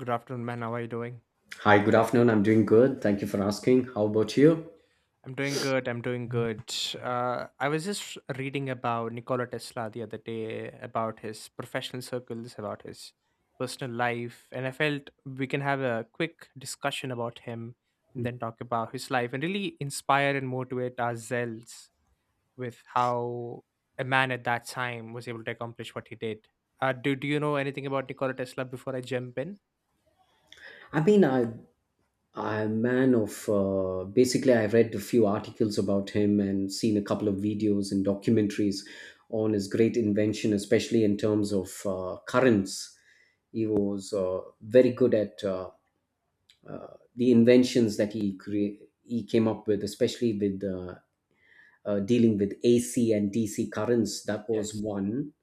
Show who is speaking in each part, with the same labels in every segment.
Speaker 1: Good afternoon, man. How are you doing?
Speaker 2: Hi, good afternoon. I'm doing good. Thank you for asking. How about you?
Speaker 1: I'm doing good. I'm doing good. I was just reading about Nikola Tesla the other day, about his professional circles, about his personal life, and I felt we can have a quick discussion about him and then talk about his life and really inspire and motivate ourselves with how a man at that time was able to accomplish what he did. Do you know anything about Nikola Tesla before I jump in?
Speaker 2: I mean, I'm a man of basically I read a few articles about him and seen a couple of videos and documentaries on his great invention, especially in terms of currents. He was very good at the inventions that he came up with, especially with dealing with AC and DC currents. That was
Speaker 1: Yes.
Speaker 2: one.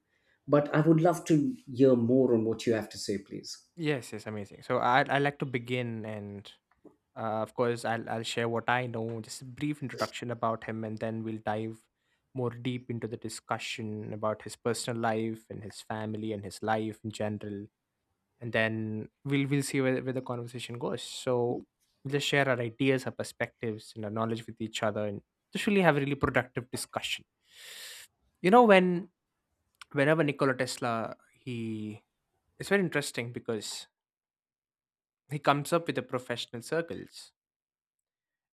Speaker 2: But I would love to hear more on what you have to say, please.
Speaker 1: Yes, amazing. So I'd like to begin and of course, I'll share what I know, just a brief introduction about him, and then we'll dive more deep into the discussion about his personal life and his family and his life in general. And then we'll see where the conversation goes. So we'll just share our ideas, our perspectives, and our knowledge with each other, and just really have a really productive discussion. You know, when whenever Nikola Tesla, he it's very interesting because he comes up with the professional circles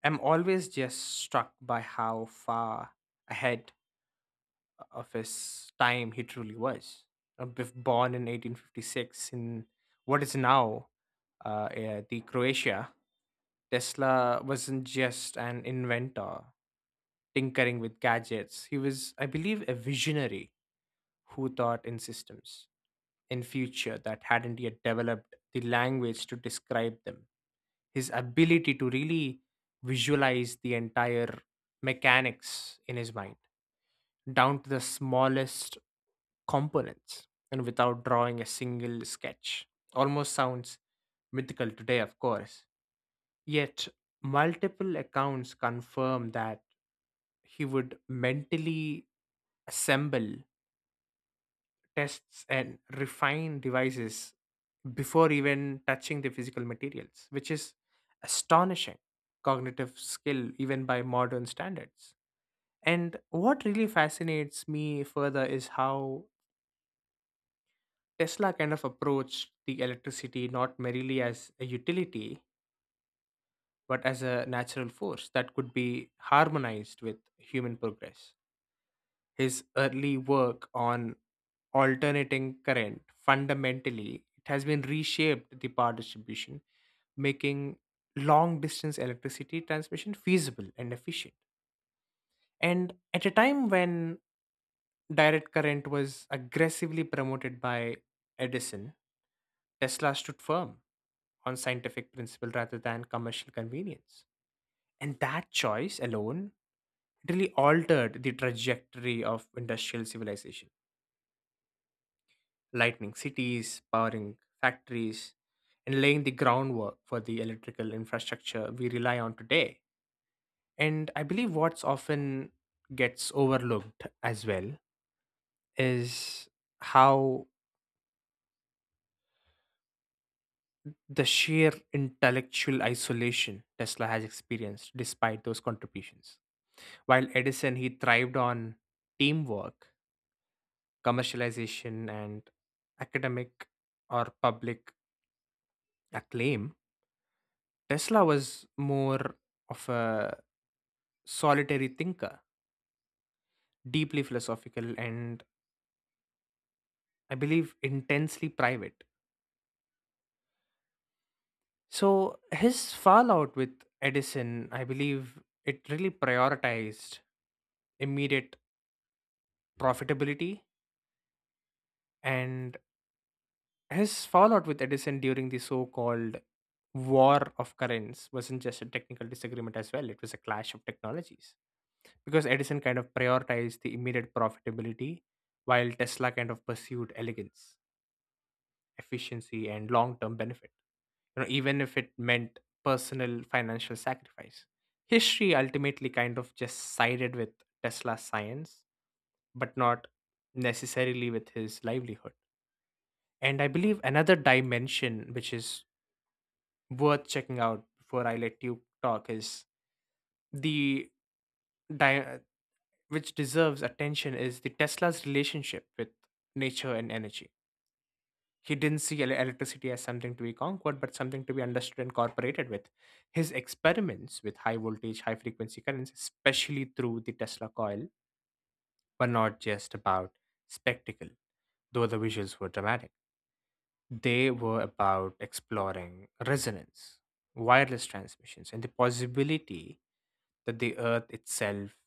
Speaker 1: I'm always just struck by how far ahead of his time he truly was. Born in 1856 in what is now eh, the Croatia, Tesla wasn't just an inventor tinkering with gadgets. He was, I believe, a visionary who thought in systems, in future that hadn't yet developed the language to describe them. His ability to really visualize the entire mechanics in his mind down to the smallest components and without drawing a single sketch almost sounds mythical today, of course, yet multiple accounts confirm that he would mentally assemble tests and refine devices before even touching the physical materials, which is astonishing cognitive skill even by modern standards. And what really fascinates me further is how Tesla kind of approached the electricity not merely as a utility, but as a natural force that could be harmonized with human progress. His early work on alternating current fundamentally it has been reshaped the power distribution, making long distance electricity transmission feasible and efficient. And at a time when direct current was aggressively promoted by Edison, Tesla stood firm on scientific principle rather than commercial convenience. And that choice alone really altered the trajectory of industrial civilization, lighting cities, powering factories, and laying the groundwork for the electrical infrastructure we rely on today. And I believe what's often gets overlooked as well is how the sheer intellectual isolation Tesla has experienced despite those contributions. While Edison, he thrived on teamwork, commercialization, and academic or public acclaim, Tesla was more of a solitary thinker, deeply philosophical, and I believe intensely private. So his fallout with Edison, I believe it really prioritized immediate profitability and his fallout with Edison during the so-called war of currents wasn't just a technical disagreement as well, it was a clash of technologies, because Edison kind of prioritized the immediate profitability while Tesla kind of pursued elegance, efficiency, and long-term benefit, you know, even if it meant personal financial sacrifice. History ultimately kind of just sided with Tesla's science, but not necessarily with his livelihood. And I believe another dimension which is worth checking out before I let you talk is the di- which deserves attention is the Tesla's relationship with nature and energy. He didn't see electricity as something to be conquered, but something to be understood and cooperated with. His experiments with high voltage, high frequency currents, especially through the Tesla coil, were not just about spectacle, though the visuals were dramatic. They were about exploring resonance, wireless transmissions, and the possibility that the earth itself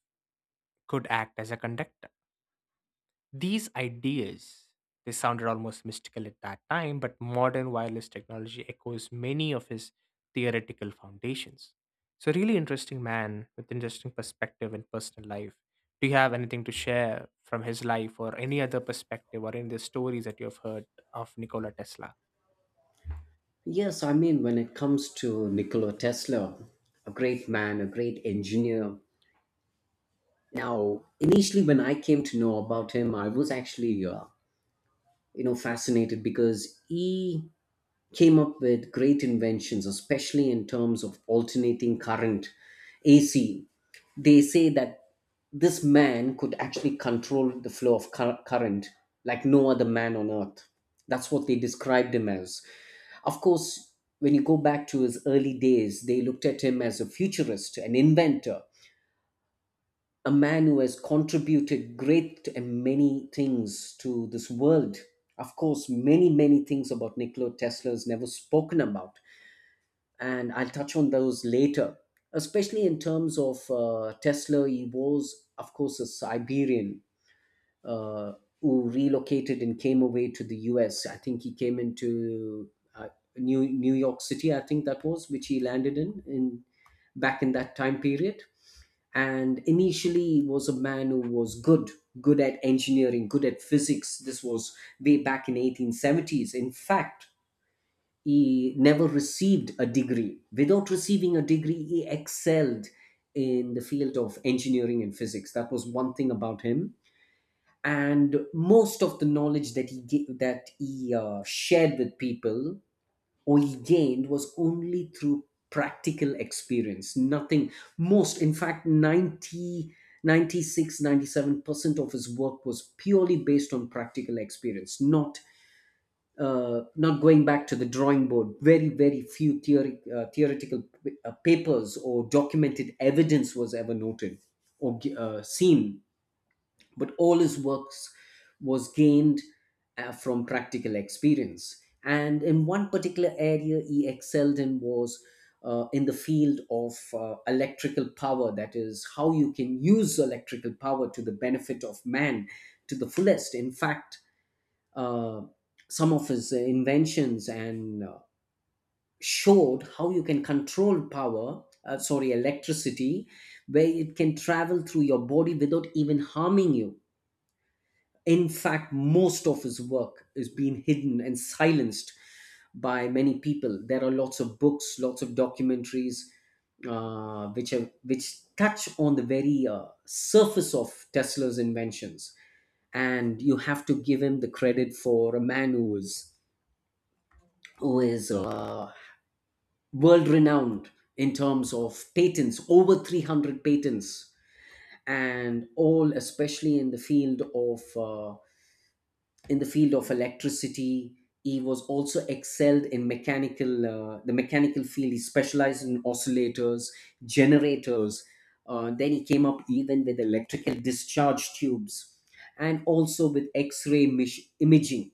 Speaker 1: could act as a conductor. These ideas, they sounded almost mystical at that time, but modern wireless technology echoes many of his theoretical foundations. So, really interesting man with interesting perspective and personal life. Do you have anything to share from his life or any other perspective or any other stories that you have heard of Nikola Tesla?
Speaker 2: Yes, I mean, when it comes to Nikola Tesla, a great man, a great engineer. Now, initially, when I came to know about him, I was actually, fascinated because he came up with great inventions, especially in terms of alternating current, AC. They say that this man could actually control the flow of current like no other man on earth. That's what they described him as. Of course, when you go back to his early days, they looked at him as a futurist, an inventor, a man who has contributed great and many things to this world. Of course, many things about Nikola Tesla is never spoken about, and I'll touch on those later, especially in terms of Tesla. He was, of course, a Siberian, uh, who relocated and came away to the US. I think he came into uh, New York City, I think that was, which he landed in back in that time period. And initially, he was a man who was good at engineering, good at physics. This was way back in 1870s. In fact, he never received a degree. Without receiving a degree, he excelled in the field of engineering and physics. That was one thing about him. And most of the knowledge that that he shared with people or he gained was only through practical experience. Nothing most, in fact, 96 97 percent of his work was purely based on practical experience, not not going back to the drawing board. Very, very few theoretical papers or documented evidence was ever noted or seen, but all his works was gained from practical experience. And in one particular area, he excelled in was in the field of electrical power. That is how you can use electrical power to the benefit of man to the fullest. In fact, uh, some of his inventions and showed how you can control power, sorry, electricity, where it can travel through your body without even harming you. In fact, most of his work is being hidden and silenced by many people. There are lots of books, lots of documentaries, which touch on the very surface of Tesla's inventions. And you have to give him the credit for a man who was, who is, world renowned in terms of patents, over 300 patents, and all, especially in the field of in the field of electricity. He was also excelled in mechanical, the mechanical field. He specialized in oscillators, generators. Then he came up even with electrical discharge tubes, and also with X-ray imaging.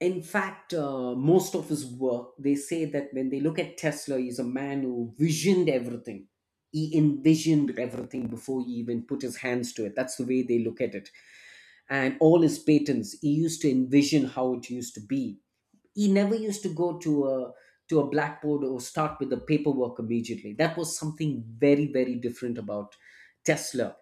Speaker 2: In fact, most of his work, they say that when they look at Tesla, he's a man who visioned everything. He envisioned everything before he even put his hands to it. That's the way they look at it. And all his patents, he used to envision how it used to be. He never used to go to a blackboard or start with the paperwork immediately. That was something very, very different about Tesla.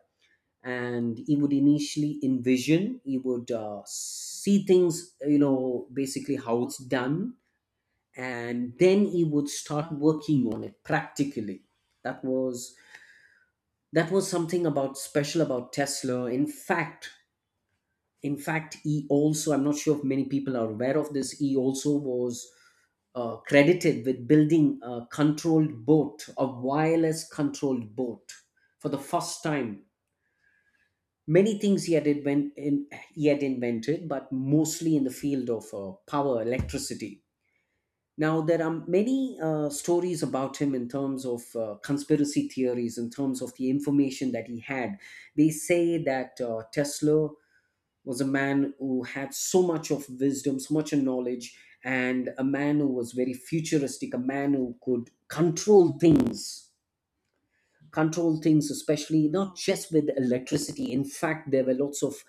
Speaker 2: And he would initially envision. He would see things, basically how it's done. And then he would start working on it practically. That was that was something about special about Tesla. In fact, he also, I'm not sure if many people are aware of this, he also was credited with building a controlled boat, a wireless controlled boat, for the first time. Many things he had, he had invented, but mostly in the field of power, electricity. Now, there are many stories about him in terms of conspiracy theories, in terms of the information that he had. They say that Tesla was a man who had so much of wisdom, so much of knowledge, and a man who was very futuristic, a man who could control things, especially not just with electricity. In fact, there were lots of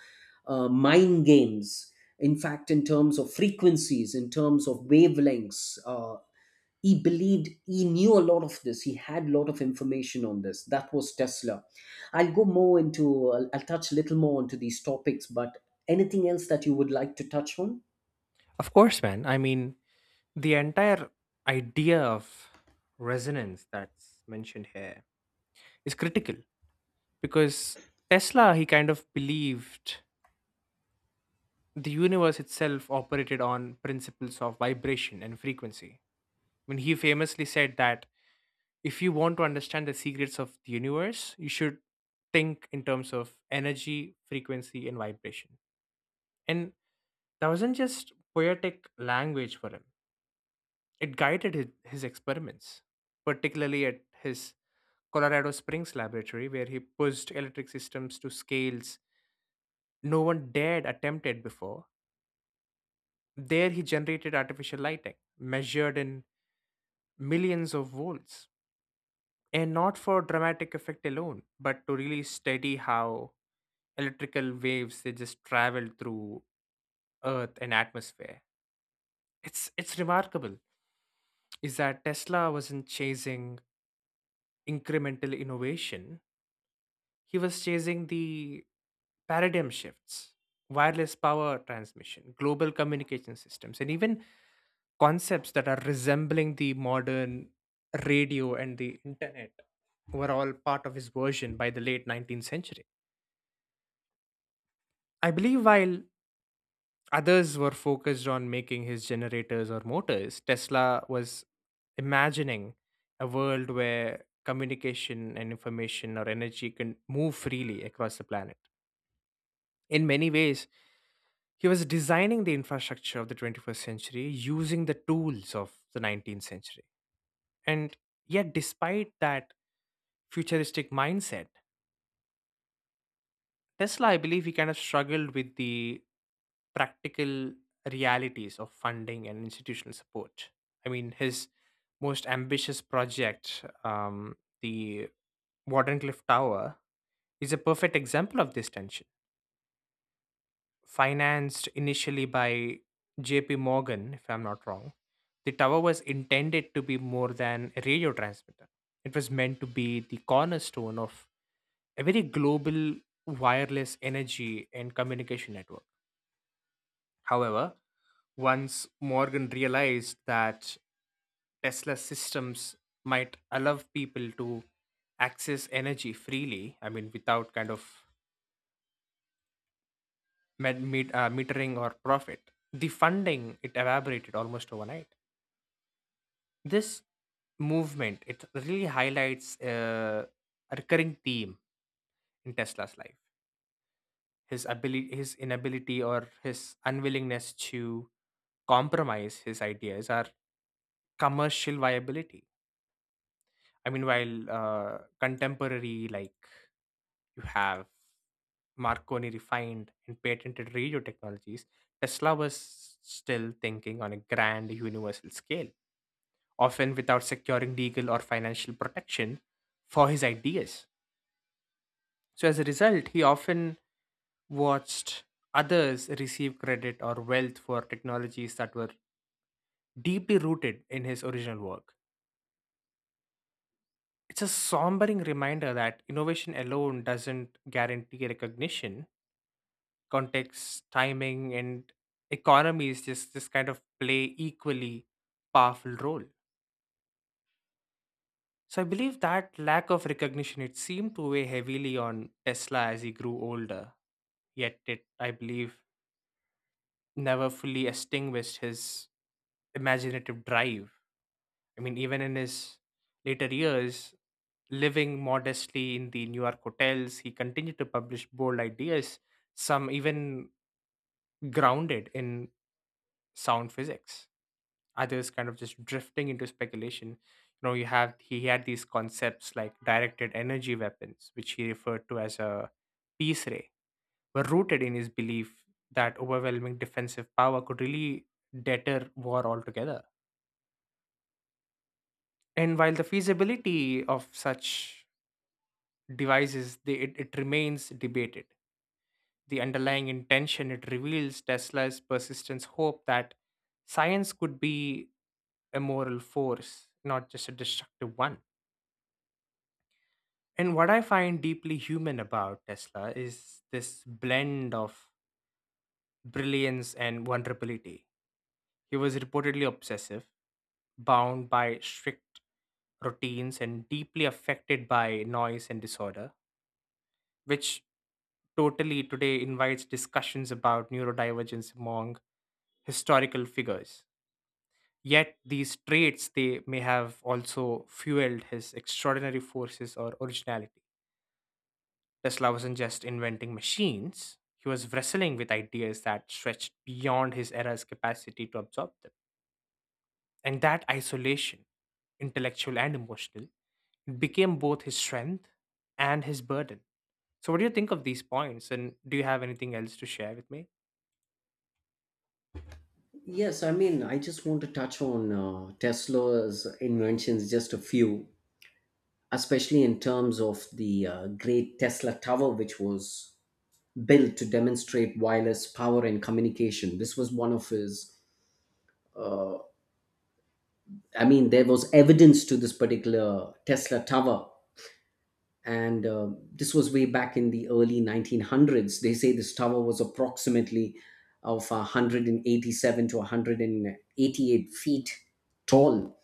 Speaker 2: mind games. In fact, in terms of frequencies, in terms of wavelengths, he believed he knew a lot of this. He had a lot of information on this. That was Tesla. I'll go more into, I'll touch a little more onto these topics, but anything else that you would like to touch on?
Speaker 1: Of course, man. I mean, the entire idea of resonance that's mentioned here is critical because Tesla, he kind of believed the universe itself operated on principles of vibration and frequency. When he famously said that if you want to understand the secrets of the universe, you should think in terms of energy, frequency, and vibration. And that wasn't just poetic language for him, it guided his experiments, particularly at his Colorado Springs laboratory, where he pushed electric systems to scales no one dared attempt it before. There, he generated artificial lighting measured in millions of volts and not for dramatic effect alone but to really study how electrical waves they just travel through earth and atmosphere. It's remarkable is that Tesla wasn't chasing incremental innovation, he was chasing the paradigm shifts. Wireless power transmission, global communication systems, and even concepts that are resembling the modern radio and the internet were all part of his version by the late 19th century. I believe while others were focused on making his generators or motors, Tesla was imagining a world where communication and information or energy can move freely across the planet. In many ways, he was designing the infrastructure of the 21st century using the tools of the 19th century. And yet, despite that futuristic mindset, Tesla, I believe, he kind of struggled with the practical realities of funding and institutional support. I mean, his most ambitious project, the Wardenclyffe Tower, is a perfect example of this tension. Financed initially by JP Morgan, if I'm not wrong, the tower was intended to be more than a radio transmitter. It was meant to be the cornerstone of a very global wireless energy and communication network. However, once Morgan realized that Tesla's systems might allow people to access energy freely, I mean, without kind of metering or profit, the funding it evaporated almost overnight. This movement it really highlights a recurring theme in Tesla's life: his ability, his inability, or his unwillingness to compromise his ideas or commercial viability. I mean, while contemporary, like you have Marconi refined and patented radio technologies, Tesla was still thinking on a grand universal scale, often without securing legal or financial protection for his ideas. So, as a result, he often watched others receive credit or wealth for technologies that were deeply rooted in his original work. It's a sombering reminder that innovation alone doesn't guarantee recognition. Context, timing, and economies just kind of play equally powerful role. So I believe that lack of recognition it seemed to weigh heavily on Tesla as he grew older. Yet it, I believe, never fully extinguished his imaginative drive. I mean, even in his later years, living modestly in the New York hotels, he continued to publish bold ideas, some even grounded in sound physics, others kind of just drifting into speculation. You know, you have he had these concepts like directed energy weapons which he referred to as a peace ray were rooted in his belief that overwhelming defensive power could really deter war altogether. And while the feasibility of such devices they, it remains debated, the underlying intention it reveals Tesla's persistence hope that science could be a moral force, not just a destructive one. And what I find deeply human about Tesla is this blend of brilliance and vulnerability. He was reportedly obsessive, bound by strict routines, and deeply affected by noise and disorder, which totally today invites discussions about neurodivergence among historical figures. Yet these traits they may have also fueled his extraordinary forces or originality. Tesla wasn't just inventing machines, he was wrestling with ideas that stretched beyond his era's capacity to absorb them. And that isolation, intellectual and emotional, became both his strength and his burden. So, what do you think of these points? And do you have anything else to share with me?
Speaker 2: Yes, I mean, I just want to touch on Tesla's inventions, just a few. Especially in terms of the great Tesla Tower, which was built to demonstrate wireless power and communication. This was one of his, uh, I mean, there was evidence to this particular Tesla Tower. And this was way back in the early 1900s. They say this tower was approximately of 187 to 188 feet tall,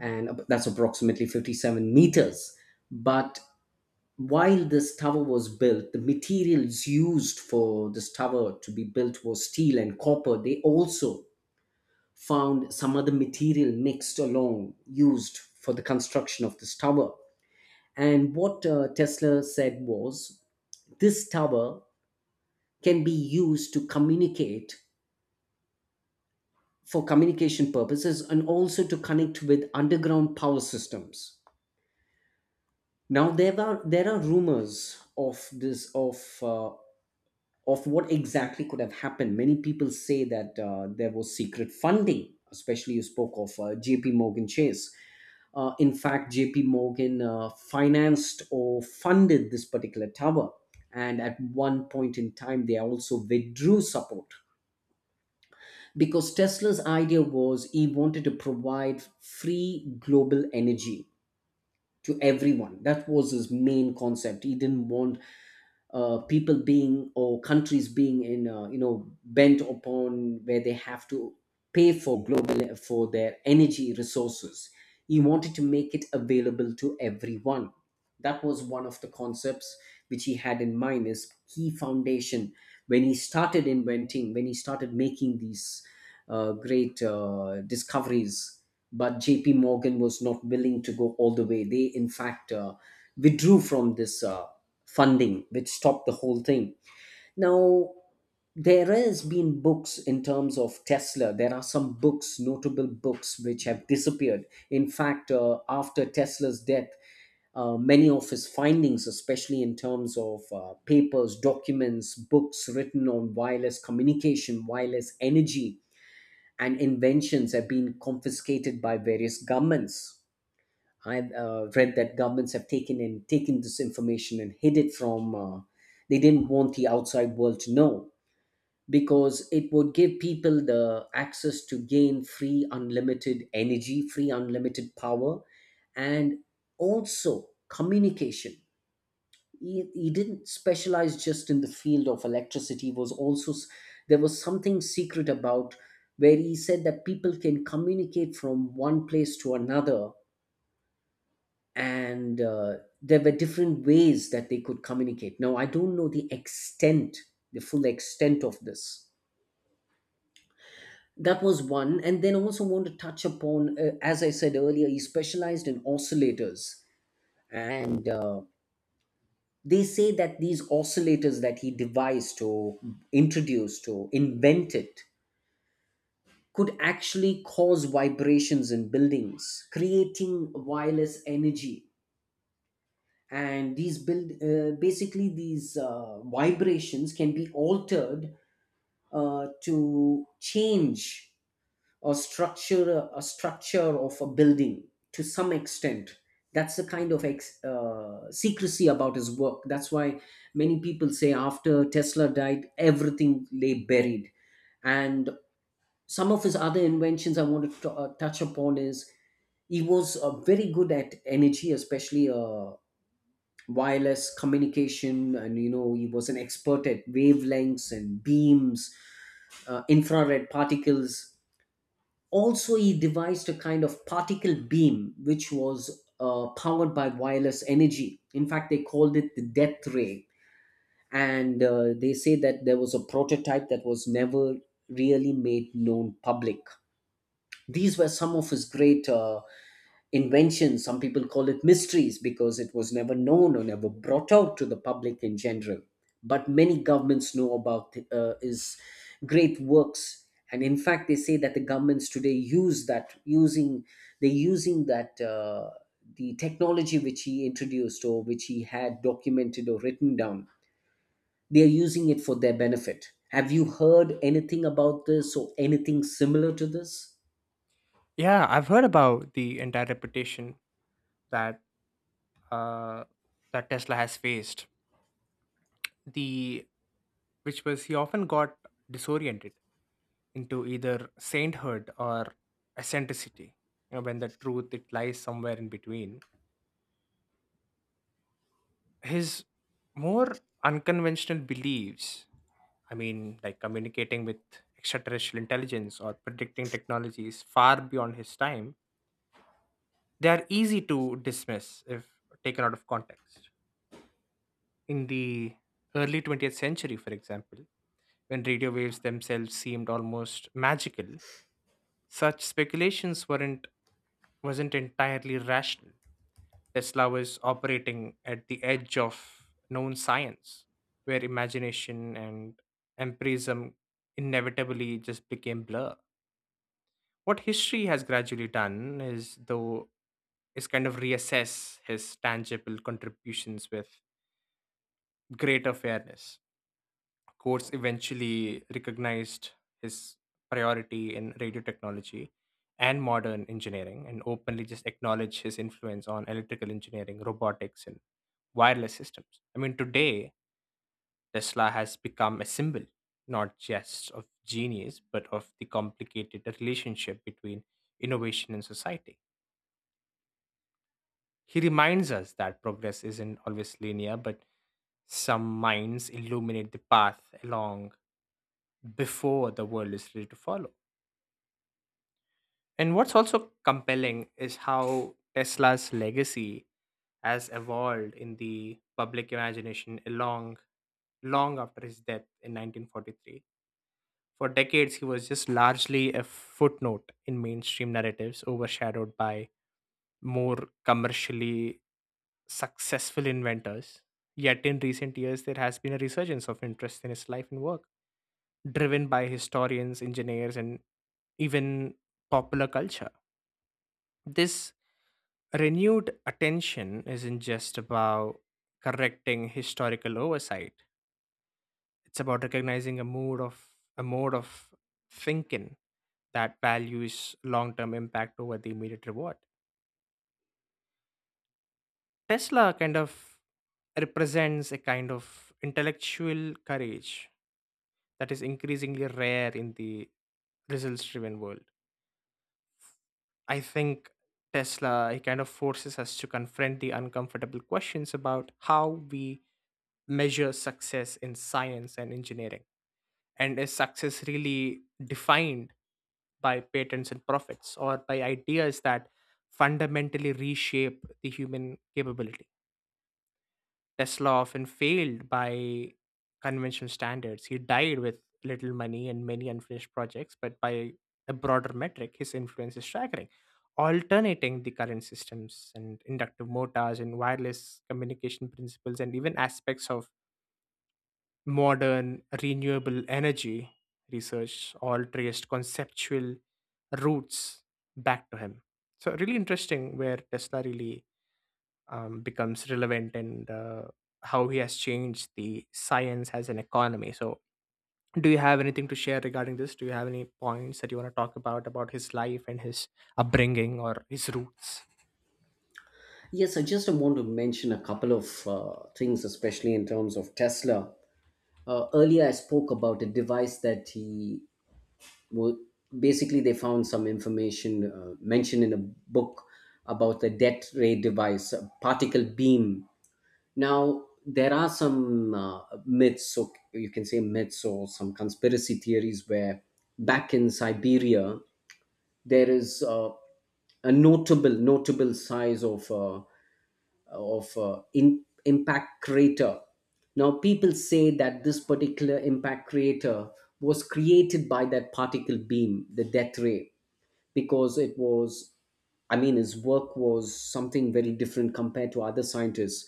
Speaker 2: and that's approximately 57 meters. But while this tower was built, the materials used for this tower to be built was steel and copper. They also found some other material mixed along, used for the construction of this tower. And what Tesla said was this tower can be used to communicate for communication purposes and also to connect with underground power systems. Now, there are rumors of this uh, of what exactly could have happened. Many people say that there was secret funding, especially you spoke of JP Morgan Chase. In fact, JP Morgan financed or funded this particular tower. And at one point in time, they also withdrew support because Tesla's idea was he wanted to provide free global energy to everyone. That was his main concept. He didn't want people being or countries being in, bent upon where they have to pay for global, for their energy resources. He wanted to make it available to everyone. That was one of the concepts which he had in mind, his key foundation, when he started inventing, when he started making these great discoveries. But JP Morgan was not willing to go all the way. They, in fact, withdrew from this funding, which stopped the whole thing. Now, there has been books in terms of Tesla. There are some books, notable books, which have disappeared. In fact, after Tesla's death, many of his findings, especially in terms of papers, documents, books written on wireless communication, wireless energy, and inventions have been confiscated by various governments. I've read that governments have taken this information and hid it from. They didn't want the outside world to know because it would give people the access to gain free, unlimited energy, free, unlimited power, and also communication. He didn't specialize just in the field of electricity. He was also s- There was something secret about where he said that people can communicate from one place to another. And there were different ways that they could communicate. Now, I don't know the extent, the full extent of this. That was one. And then also want to touch upon, as I said earlier, he specialized in oscillators. And they say that these oscillators that he devised or introduced or invented could actually cause vibrations in buildings, creating wireless energy. And these build basically these vibrations can be altered to change a structure of a building to some extent. That's the kind of secrecy about his work. That's why many people say after Tesla died, everything lay buried. And some of his other inventions I wanted to touch upon is he was very good at energy, especially wireless communication. And he was an expert at wavelengths and beams, infrared particles. Also, he devised a kind of particle beam which was powered by wireless energy. In fact, they called it the death ray. And they say that there was a prototype that was never really made known public. These were some of his great inventions. Some people call it mysteries because it was never known or never brought out to the public in general. But many governments know about is great works, and in fact, they say that the governments today use that using they using that, the technology which he introduced or which he had documented or written down. They are using it for their benefit. Have you heard anything about this or anything similar to this?
Speaker 1: Yeah, I've heard about the entire reputation that uh, that Tesla has faced. The which was he often got disoriented into either sainthood or eccentricity, you know, when the truth it lies somewhere in between. His more unconventional beliefs, I mean, like communicating with extraterrestrial intelligence or predicting technologies far beyond his time, they are easy to dismiss if taken out of context. In the early 20th century, for example, when radio waves themselves seemed almost magical, such speculations weren't wasn't entirely rational. Tesla was operating at the edge of known science, where imagination and empirism inevitably just became blur. What history has gradually done is, though, is kind of reassess his tangible contributions with greater fairness. Courts eventually recognized his priority in radio technology and modern engineering and openly just acknowledge his influence on electrical engineering, robotics, and wireless systems. I mean, today, Tesla has become a symbol not just of genius, but of the complicated relationship between innovation and society. He reminds us that progress isn't always linear, but some minds illuminate the path along before the world is ready to follow. And what's also compelling is how Tesla's legacy has evolved in the public imagination along long after his death in 1943. For decades, he was just largely a footnote in mainstream narratives, overshadowed by more commercially successful inventors. Yet, in recent years, there has been a resurgence of interest in his life and work, driven by historians, engineers, and even popular culture. This renewed attention isn't just about correcting historical oversight, it's about recognizing a mood of a mode of thinking that values long-term impact over the immediate reward. Tesla kind of represents a kind of intellectual courage that is increasingly rare in the results driven world. I think Tesla he kind of forces us to confront the uncomfortable questions about how we measure success in science and engineering, and is success really defined by patents and profits or by ideas that fundamentally reshape the human capability. Tesla often failed by conventional standards. He died with little money and many unfinished projects, but by a broader metric, his influence is staggering. Alternating the current systems and inductive motors and wireless communication principles and even aspects of modern renewable energy research all traced conceptual roots back to him. So, really interesting where Tesla really becomes relevant and how he has changed the science as an economy. So, do you have anything to share regarding this? Do you have any points that you want to talk about his life and his upbringing or his roots?
Speaker 2: Yes, I just want to mention a couple of things, especially in terms of Tesla. Earlier, I spoke about a device that wo- basically they found some information mentioned in a book about the death ray device, a particle beam. Now, there are some myths, so you can say myths or some conspiracy theories where back in Siberia, there is a notable size of impact crater. Now, people say that this particular impact crater was created by that particle beam, the death ray, because it was, I mean, his work was something very different compared to other scientists.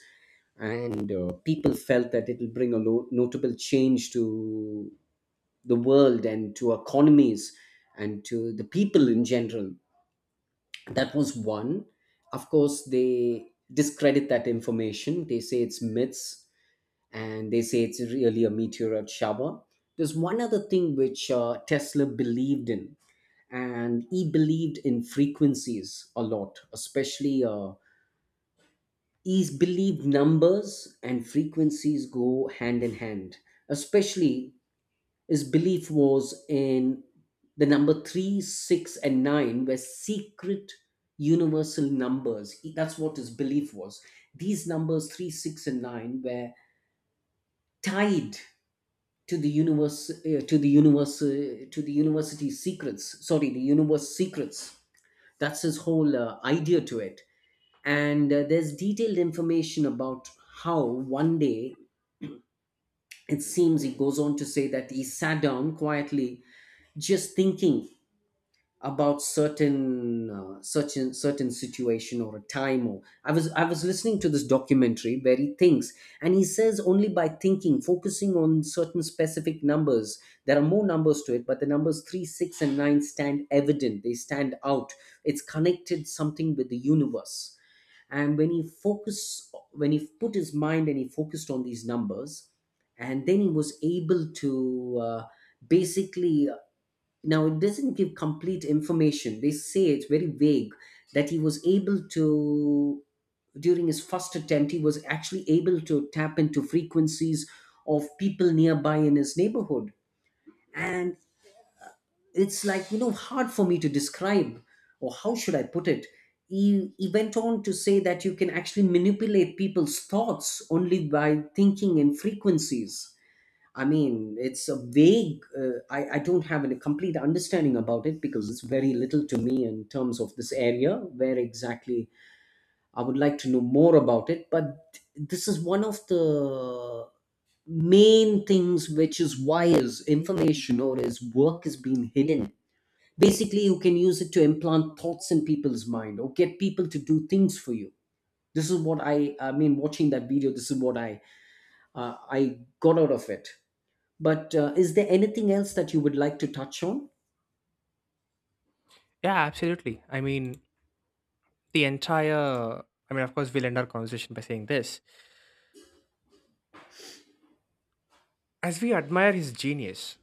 Speaker 2: And people felt that it will bring a notable change to the world and to economies and to the people in general. That was one. Of course, they discredit that information. They say it's myths, and they say it's really a meteorite shower. There's one other thing which Tesla believed in, and he believed in frequencies a lot. Especially he believed numbers and frequencies go hand in hand. Especially his belief was in the number three, six, and nine were secret universal numbers. That's what his belief was. These numbers three, six, and nine were tied to the universe, to the university secrets. Sorry, the universe secrets. That's his whole idea to it. And there's detailed information about how one day it seems. He goes on to say that he sat down quietly, just thinking about certain situation or a time. Or I was listening to this documentary where he thinks, and he says only by thinking, focusing on certain specific numbers. There are more numbers to it, but the numbers 3, 6, and 9 stand evident. They stand out. It's connected something with the universe. And when he put his mind and he focused on these numbers, and then he was able to basically, now, it doesn't give complete information. They say it's very vague that he was able to, during his first attempt, he was actually able to tap into frequencies of people nearby in his neighborhood. And it's like, you know, hard for me to describe, or how should I put it? He went on to say that you can actually manipulate people's thoughts only by thinking in frequencies. I mean, it's a vague, I don't have a complete understanding about it because it's very little to me in terms of this area where exactly I would like to know more about it. But this is one of the main things which is why his information or his work is being hidden. Basically, you can use it to implant thoughts in people's mind or get people to do things for you. This is what I mean, watching that video, this is what I got out of it. But is there anything else that you would like to touch on?
Speaker 1: Yeah, absolutely. I mean, the entire, I mean, of course, we'll end our conversation by saying this as we admire his genius,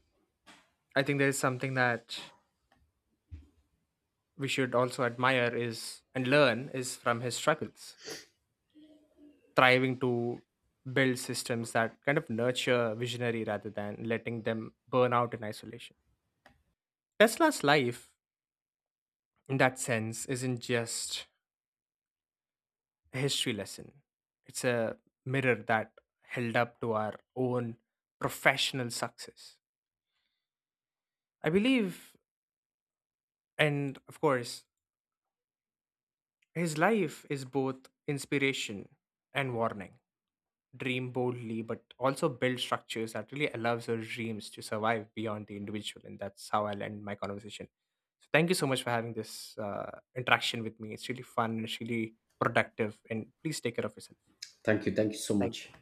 Speaker 1: I think there is something that we should also admire is and learn is from his struggles, striving to build systems that kind of nurture visionary rather than letting them burn out in isolation. Tesla's life, in that sense, isn't just a history lesson. It's a mirror that held up to our own professional success. I believe, and of course, his life is both inspiration and warning. Dream boldly, but also build structures that really allows your dreams to survive beyond the individual. And that's how I'll end my conversation. So thank you so much for having this interaction with me. It's really fun. It's really productive. And please take care of yourself.
Speaker 2: Thank you. Thank you so
Speaker 1: Thank
Speaker 2: much.
Speaker 1: you.